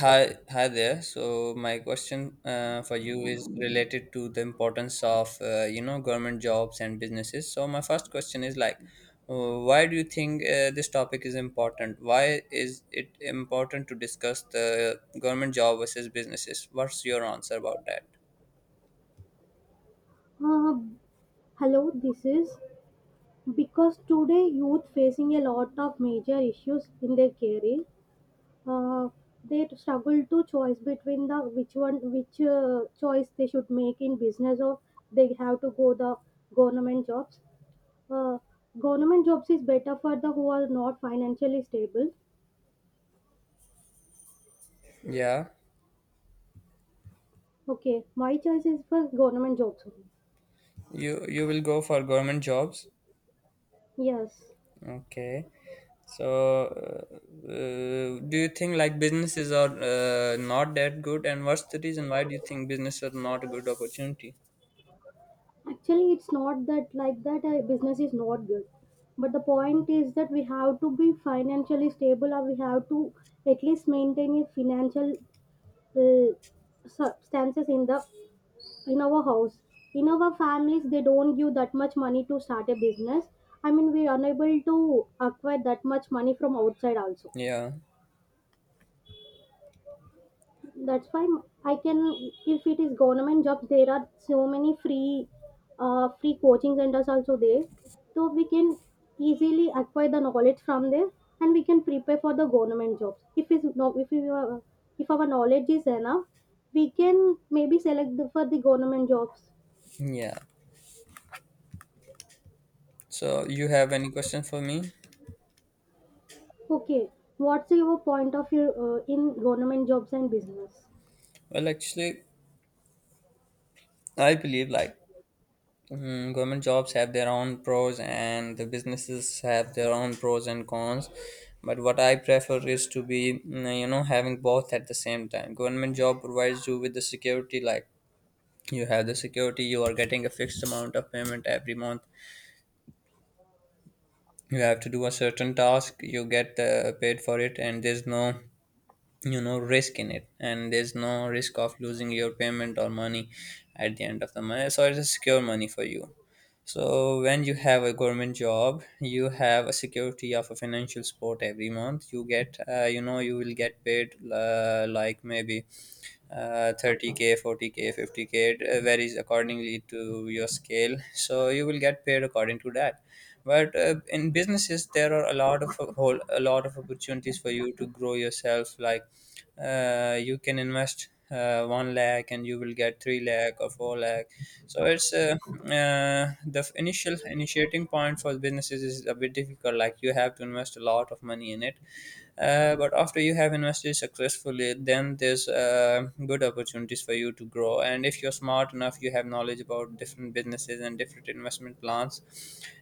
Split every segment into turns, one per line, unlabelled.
Hi, hi there. So my question for you is related to the importance of government jobs and businesses. So my first question is like, why do you think this topic is important? Why is it important to discuss the government job versus businesses? What's your answer about that?
Uh, Hello, this is because today youth facing a lot of major issues in their career. Uh, they struggle to choice between the which one which choice they should make in business, or they have to go the government jobs. Uh, Government jobs is better for the who are not financially stable.
Yeah,
Okay, my choice is for government jobs only.
you will go for government jobs.
Yes.
Okay. So, uh, do you think like businesses are not that good, and what's the reason why do you think business are not a good opportunity?
Actually, it's not that like that business is not good. But the point is that we have to be financially stable, or we have to at least maintain a financial substances in the in our house. In our families, they don't give that much money to start a business. I mean, we are unable to acquire that much money from outside also.
Yeah,
That's why I can if it is government jobs there are so many free free coaching centers also there, so we can easily acquire the knowledge from there, and we can prepare for the government jobs if it's no if we are, if our knowledge is enough, we can maybe select the, for the government jobs.
yeah. So, you have any question for me?
Okay, what's your point of view in government jobs and business?
Well, actually, I believe like government jobs have their own pros and the businesses have their own pros and cons. But what I prefer is to be, having both at the same time. Government job provides you with the security, like you have the security, you are getting a fixed amount of payment every month. You have to do a certain task, you get paid for it, and there's no risk in it, and there's no risk of losing your payment or money at the end of the month, so it's a secure money for you. So when you have a government job, you have a security of a financial support every month. You get, you will get paid like maybe 30K, 40K, 50K. It varies accordingly to your scale. So you will get paid according to that. But in businesses there are a lot of opportunities for you to grow yourself, like you can invest 1 lakh and you will get 3 lakh or 4 lakh. So it's the f- initial initiating point for businesses is a bit difficult, like you have to invest a lot of money in it. But after you have invested successfully, then there's good opportunities for you to grow. And if you're smart enough, you have knowledge about different businesses and different investment plans,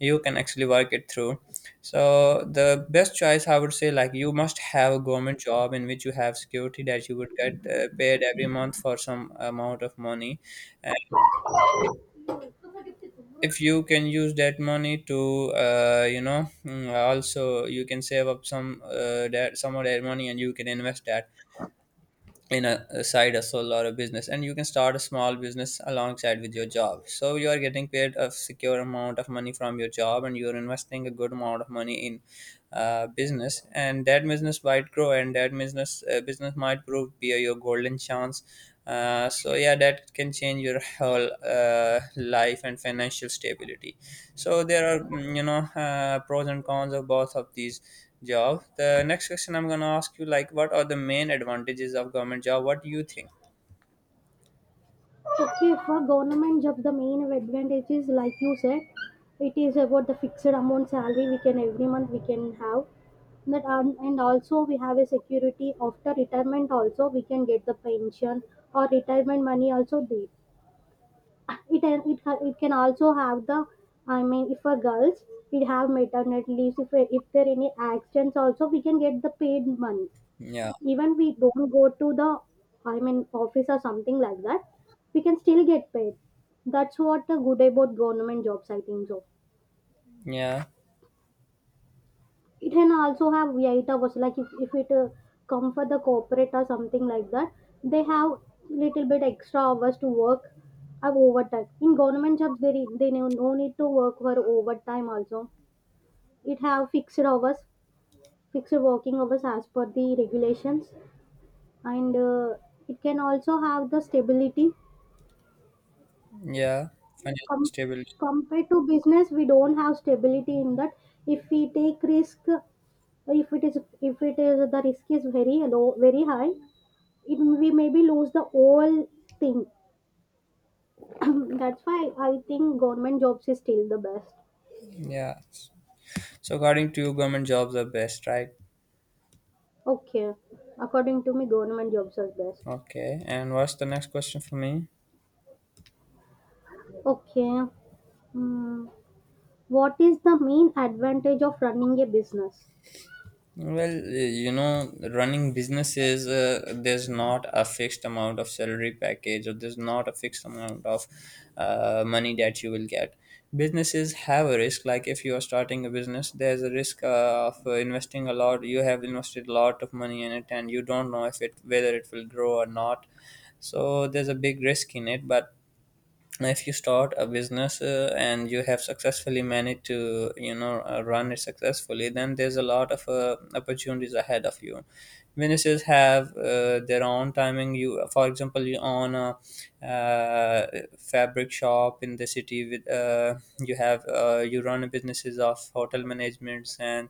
you can actually work it through. So the best choice, I would say, like you must have a government job in which you have security that you would get paid every month for some amount of money. And if you can use that money to, also you can save up some of that money, and you can invest that in a side hustle or a business, and you can start a small business alongside with your job, so you are getting paid a secure amount of money from your job, and you are investing a good amount of money in business, and that business might grow, and that business might prove be your golden chance. So yeah, that can change your whole life and financial stability. So there are pros and cons of both of these job. The next question I'm gonna ask you, like, what are the main advantages of government job? What do you think?
Okay, for government job, the main advantage is like you said, it is about the fixed amount salary we can every month we can have. That, and also we have a security after retirement, also we can get the pension or retirement money also there. It can also have the, I mean, if for girls we have maternity leaves, if there any accidents, also we can get the paid money
Yeah,
even we don't go to the, I mean, office or something like that, we can still get paid. That's what the good about government jobs, I think so.
yeah,
It can also have 8 hours, like if it come for the corporate or something like that, they have little bit extra hours to work of overtime. In government jobs, there is, they no need to work for overtime also. It have fixed hours, fixed working hours as per the regulations, and it can also have the stability.
yeah. Financial
com-
stability.
compared to business, we don't have stability in that. If we take risk, if it is the risk is very low very high, it we maybe lose the whole thing. That's why I think government jobs is still the best.
Yeah. So according to you, government jobs are best, right?
Okay, according to me, government jobs are best.
Okay. And what's the next question for me?
Okay. Hmm. What is the main advantage of running a business?
Well, running businesses, there's not a fixed amount of salary package, or there's not a fixed amount of money that you will get. Businesses have a risk. Like if you are starting a business, there's a risk of investing a lot. You have invested a lot of money in it, and you don't know if it whether it will grow or not. So there's a big risk in it, but if you start a business and you have successfully managed to run it successfully, then there's a lot of opportunities ahead of you. Businesses have their own timing. You, for example, you own a uh, fabric shop in the city. With you have you run businesses of hotel managements and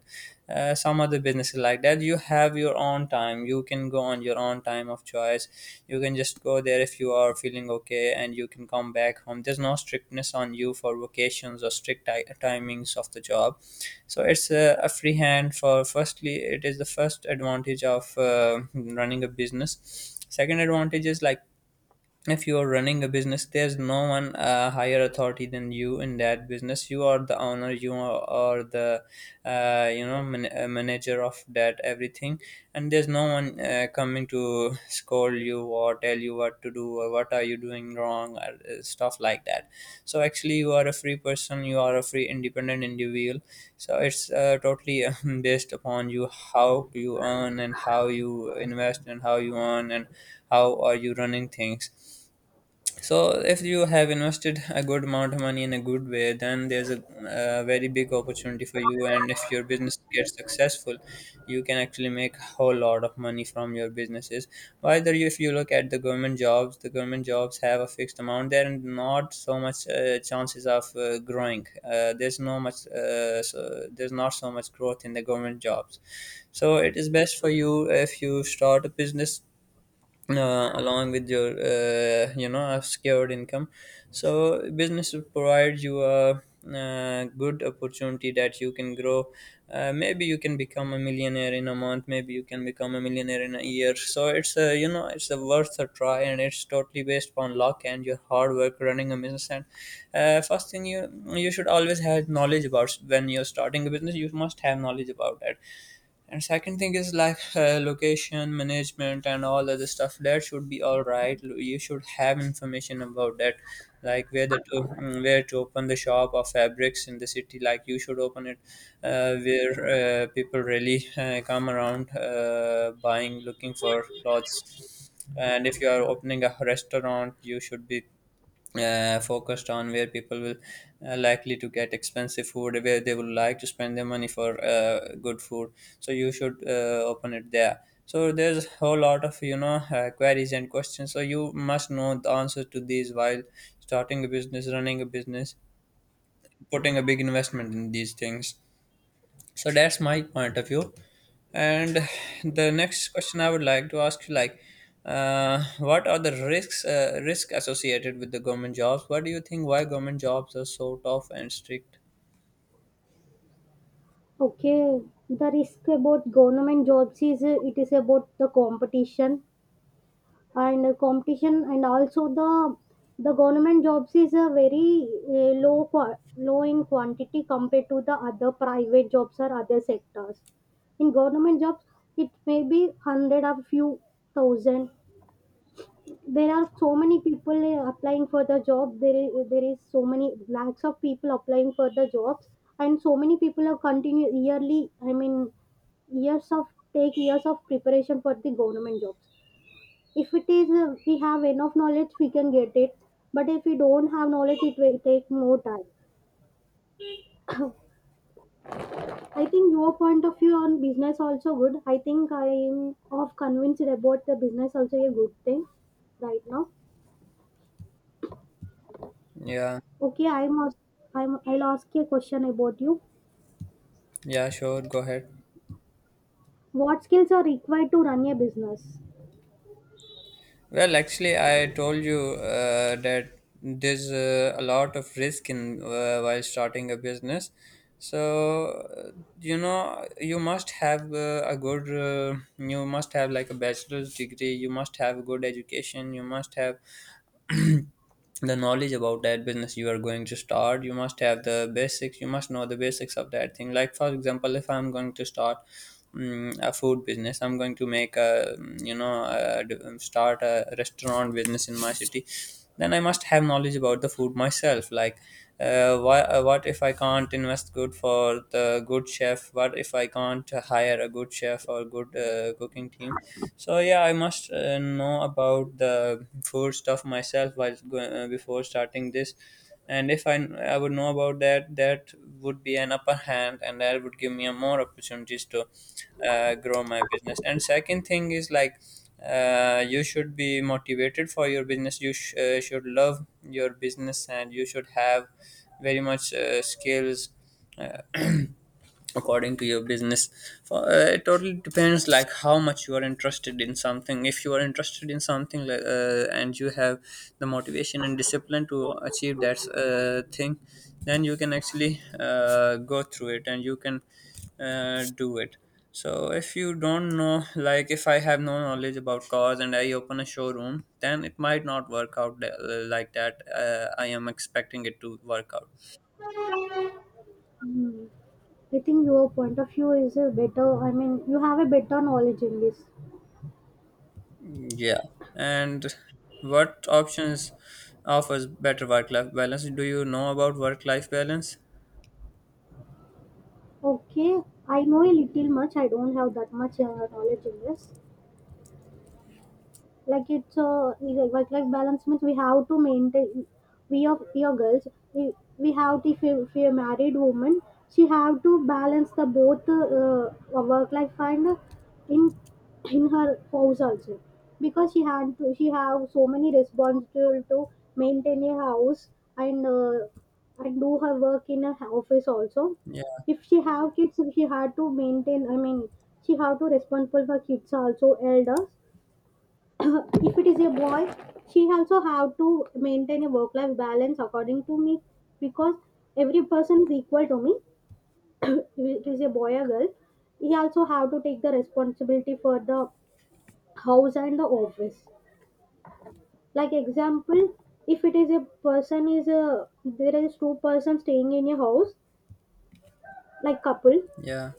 some other businesses like that, you have your own time. You can go on your own time of choice, you can just go there if you are feeling okay, and you can come back home. There's no strictness on you for vacations or strict timings of the job. So it's a free hand for firstly, it is the first advantage of running a business. Second advantage is like, if you are running a business, there's no one higher authority than you in that business. You are the owner, you are the, manager of that everything, and there's no one coming to scold you or tell you what to do or what are you doing wrong or stuff like that. So actually you are a free person, you are a free independent individual. So it's totally based upon you, how you earn and how you invest and how you earn and how are you running things. So if you have invested a good amount of money in a good way, then there's a very big opportunity for you. And if your business gets successful, you can actually make a whole lot of money from your businesses. If you look at the government jobs have a fixed amount. There are not so much chances of growing. There's no much. So there's not so much growth in the government jobs. So it is best for you if you start a business along with your a secured income. So business provides you a good opportunity that you can grow. Maybe you can become a millionaire in a month, maybe you can become a millionaire in a year, so it's a worth a try, and it's totally based upon luck and your hard work running a business. And first thing, you should always have knowledge about, when you're starting a business, you must have knowledge about that. And second thing is like, location management and all other stuff. That should be all right. You should have information about that, like where to open the shop of fabrics in the city. Like you should open it where people really come around buying, looking for clothes. And if you are opening a restaurant, you should be focused on where people will likely to get expensive food, where they would like to spend their money for good food. So you should open it there. So there's a whole lot of queries and questions, so you must know the answer to these while starting a business, running a business, putting a big investment in these things. So that's my point of view. And the next question I would like to ask you, like, what are the risk associated with the government jobs? What do you think, why government jobs are so tough and strict?
Okay, the risk about government jobs is it is about the competition, and competition, and also the government jobs is a very low in quantity compared to the other private jobs or other sectors. In government jobs, it may be hundred or few thousand. There are so many people applying for the job. There is so many lakhs of people applying for the jobs, and so many people are continue yearly, I mean, years of take years of preparation for the government jobs. If it is we have enough knowledge, we can get it, but if we don't have knowledge, it will take more time. I think your point of view on business also good. I think I am of convinced about the business also a good thing right now.
Yeah,
Okay, I'm als- I'm I'll ask you a question about you.
yeah, sure, go ahead.
What skills are required to run a business?
Well, actually, I told you that there's a lot of risk in while starting a business. So, uh, you must have a you must have like a bachelor's degree, you must have a good education, you must have the knowledge about that business you are going to start. You must have the basics, you must know the basics of that thing. Like for example, if I'm going to start a food business, I'm going to make a you know a, d- start a restaurant business in my city, then I must have knowledge about the food myself. Like what if I can't invest good for the good chef, what if I can't hire a good chef or good cooking team. So yeah, I must know about the food stuff myself while before starting this. And if I would know about that, that would be an upper hand, and that would give me a more opportunities to grow my business. And second thing is like, you should be motivated for your business. You should love your business, and you should have very much skills uh, according to your business. It totally depends like how much you are interested in something. If you are interested in something like and you have the motivation and discipline to achieve that thing, then you can actually go through it, and you can do it. So if you don't know, like if I have no knowledge about cars and I open a showroom, then it might not work out like that I am expecting it to work out.
Hmm. I think your point of view is a better. I mean, you have a better knowledge in this.
Yeah. And what options offers better work life balance? Do you know about work life balance?
Okay, I know a little much. I don't have that much knowledge in this. Like, it's a, work life balance means we have to maintain, we of your girls, we, we have to, if you're a married woman, she have to balance the both, work life and in in her house also, because she had to she have so many responsibility to maintain a house, and and do her work in her office also.
Yeah.
If she have kids, she had to maintain, I mean, she have to responsible for kids, also elders. If it is a boy, she also have to maintain a work life balance, according to me, because every person is equal to me. If it is a boy or girl, he also have to take the responsibility for the house and the office. Like, example, if it is a person is a there is two-person staying in a house, like couple.
Yeah.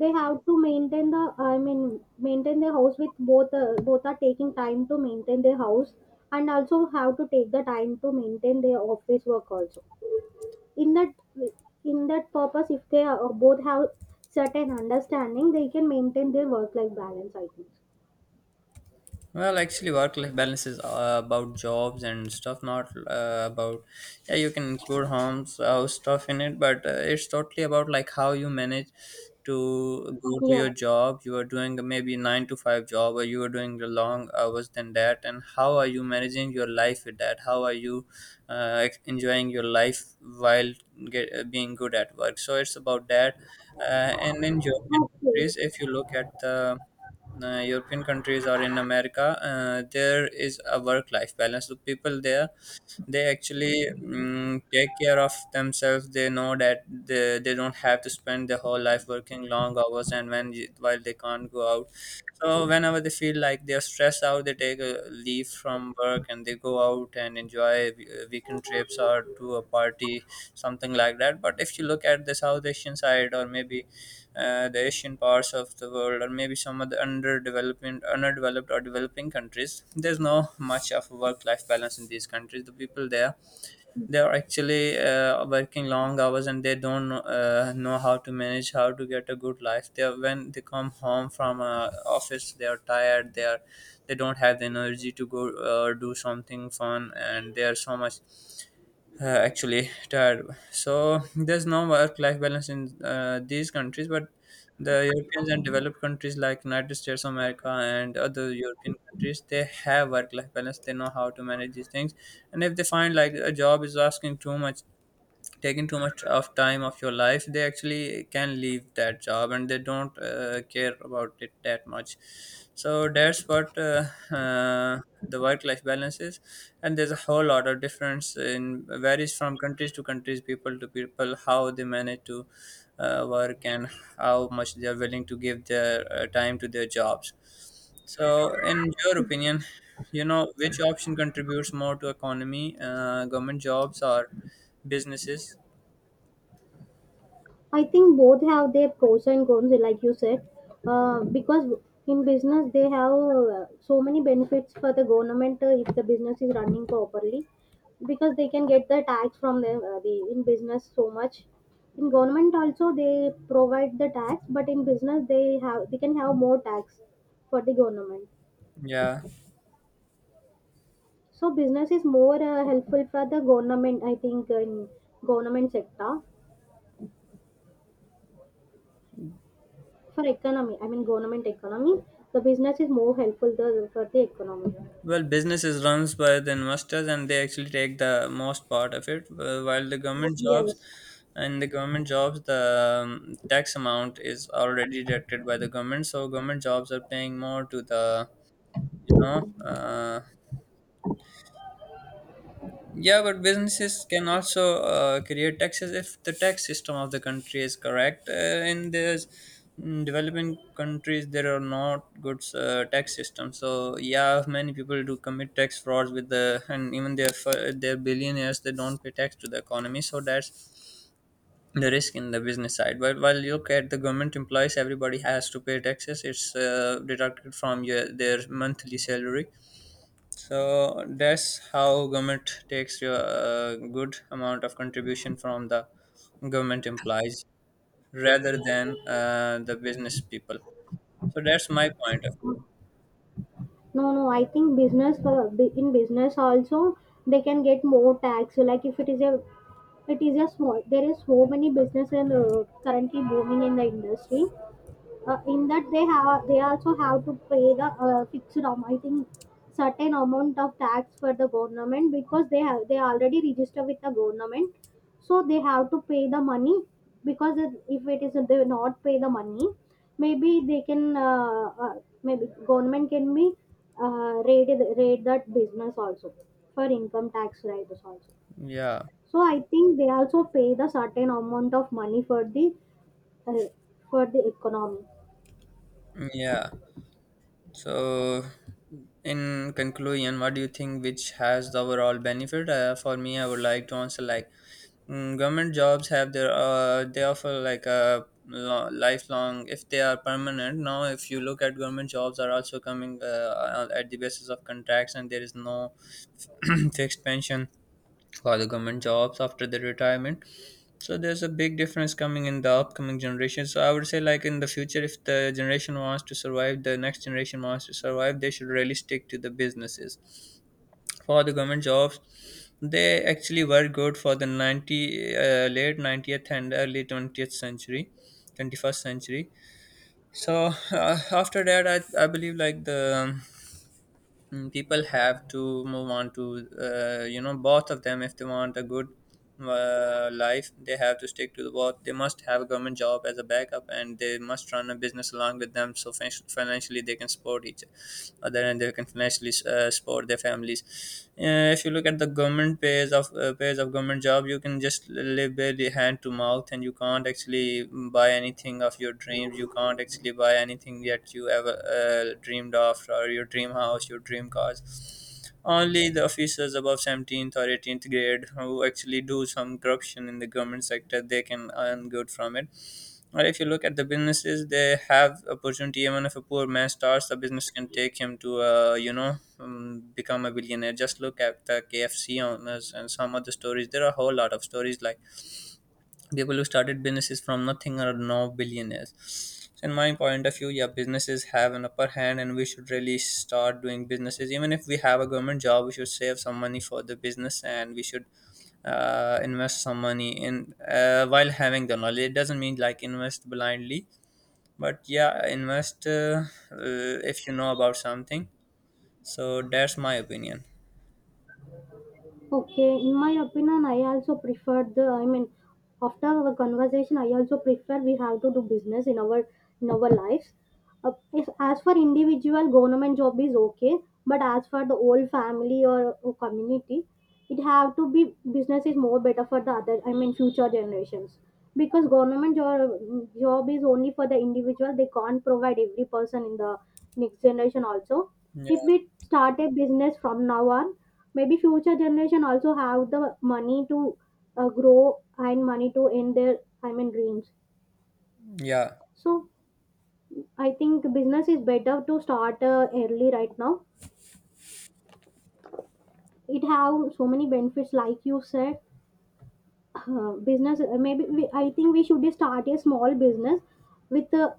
They have to maintain the, I mean, maintain their house, with both, both are taking time to maintain their house, and also have to take the time to maintain their office work also. In that in that purpose, if they are, both have certain understanding, they can maintain their work life balance, I think.
Well, actually, work-life balance is about jobs and stuff, not about. Yeah, you can include homes, house stuff in it, but it's totally about like how you manage to go to
Yeah,
your job. You are doing a maybe nine to five job, or you are doing the long hours than that, and how are you managing your life with that? How are you enjoying your life while being good at work? So it's about that, and in your
okay.
countries, if you look at the European countries or in America, there is a work-life balance. So people there, they actually take care of themselves. They know that they don't have to spend their whole life working long hours and when while they can't go out. So whenever they feel like they're stressed out, they take a leave from work and they go out and enjoy weekend trips or do a party, something like that. But if you look at the South Asian side or maybe the Asian parts of the world, or maybe some of the underdeveloped or developing countries, there's no much of work-life balance in these countries. The people there, they are actually working long hours and they don't know how to manage, how to get a good life. They are, when they come home from office, they are tired. They don't have the energy to go or do something fun, and they are so much actually tired. So there's no work-life balance in these countries, but the Europeans and developed countries like United States of America and other European countries, they have work-life balance. They know how to manage these things, and if they find like a job is asking too much, taking too much of time of your life, they actually can leave that job and they don't care about it that much. So that's what uh, the work life balance is, and there's a whole lot of difference in varies from countries to countries, people to people, how they manage to work and how much they are willing to give their time to their jobs. So in your opinion, you know, which option contributes more to economy, government jobs or businesses?
I think both have their pros and cons, like you said, because in business they have so many benefits for the government, if the business is running properly, because they can get the tax from the in business so much. In government also they provide the tax, but in business they can have more tax for the government.
Yeah,
So business is more helpful for the government, I think, in government sector. For economy, I mean government economy, the business is more helpful, the, for the economy.
well, business is runs by the investors, and they actually take the most part of it. While the government jobs,
Yes.
in the government jobs, the tax amount is already deducted by the government, so government jobs are paying more to the you know uh, Yeah, but businesses can also create taxes if the tax system of the country is correct. In these developing countries, there are not good tax system. So yeah, many people do commit tax frauds with the, and even their billionaires they don't pay tax to the economy. So that's the risk in the business side. But while you look at the government employees, everybody has to pay taxes. It's deducted from their monthly salary, so that's how government takes your good amount of contribution from the government employees rather than the business people. So that's my point of view.
No, no, I think business, in business also they can get more tax. Like if it is a it is a small there is so many businesses currently booming in the industry. In that they also have to pay the fixed amount, I think, certain amount of tax for the government, because they already register with the government, so they have to pay the money. Because if it is they will not pay the money, maybe they can, uh, uh, maybe government can be uh, raid raid that business also for income tax rates also.
Yeah,
So I think they also pay the certain amount of money for the, uh, for the economy.
yeah. So in conclusion, what do you think which has the overall benefit? For me, I would like to answer like, government jobs have their they offer like a lifelong if they are permanent. Now, if you look at government jobs are also coming at the basis of contracts, and there is no fixed pension for the government jobs after the retirement. So there's a big difference coming in the upcoming generation. So I would say like in the future, if the generation wants to survive, the next generation wants to survive, they should really stick to the businesses. For the government jobs, they actually were good for the 90s late 90s and early 20th century, 21st century. So after that I believe like the people have to move on to you know, both of them if they want a good life. They have to stick to the work. They must have a government job as a backup, and they must run a business along with them. So financially, they can support each other, and they can financially support their families. If you look at the government pays of government job, you can just live barely hand to mouth, and you can't actually buy anything of your dreams. You can't actually buy anything that you ever dreamed of, or your dream house, your dream cars. Only the officials above 17th or 18th grade who actually do some corruption in the government sector, they can earn good from it. Or if you look at the businesses, they have opportunity. Even if a poor man starts a business, can take him to, you know, become a billionaire. Just look at the KFC owners and some other stories. There are a whole lot of stories like people who started businesses from nothing are now billionaires. So in my point of view, yeah, businesses have an upper hand, and we should really start doing businesses. Even if we have a government job, we should save some money for the business, and we should invest some money in, while having the knowledge. It doesn't mean like invest blindly, but yeah, invest if you know about something. So that's my opinion.
Okay, in my opinion, I also prefer the, I mean, after our conversation, I also prefer we have to do business in our lives. If, as for individual, government job is okay, but as for the whole family, or community, it have to be business is more better for the other, I mean, future generations, because government job is only for the individual. They can't provide every person in the next generation also.
Yeah.
If we start a business from now on, maybe future generation also have the money to grow and money to end their, I mean, dreams.
Yeah,
So I think business is better to start early right now. It have so many benefits, like you said. Uh, business, maybe we, I think we should start a small business with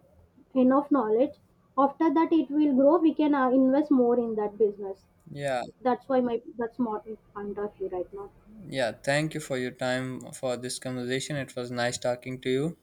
enough knowledge. After that it will grow, we can invest more in that business.
yeah.
That's my point of view right now.
Yeah, thank you for your time for this conversation. It was nice talking to you.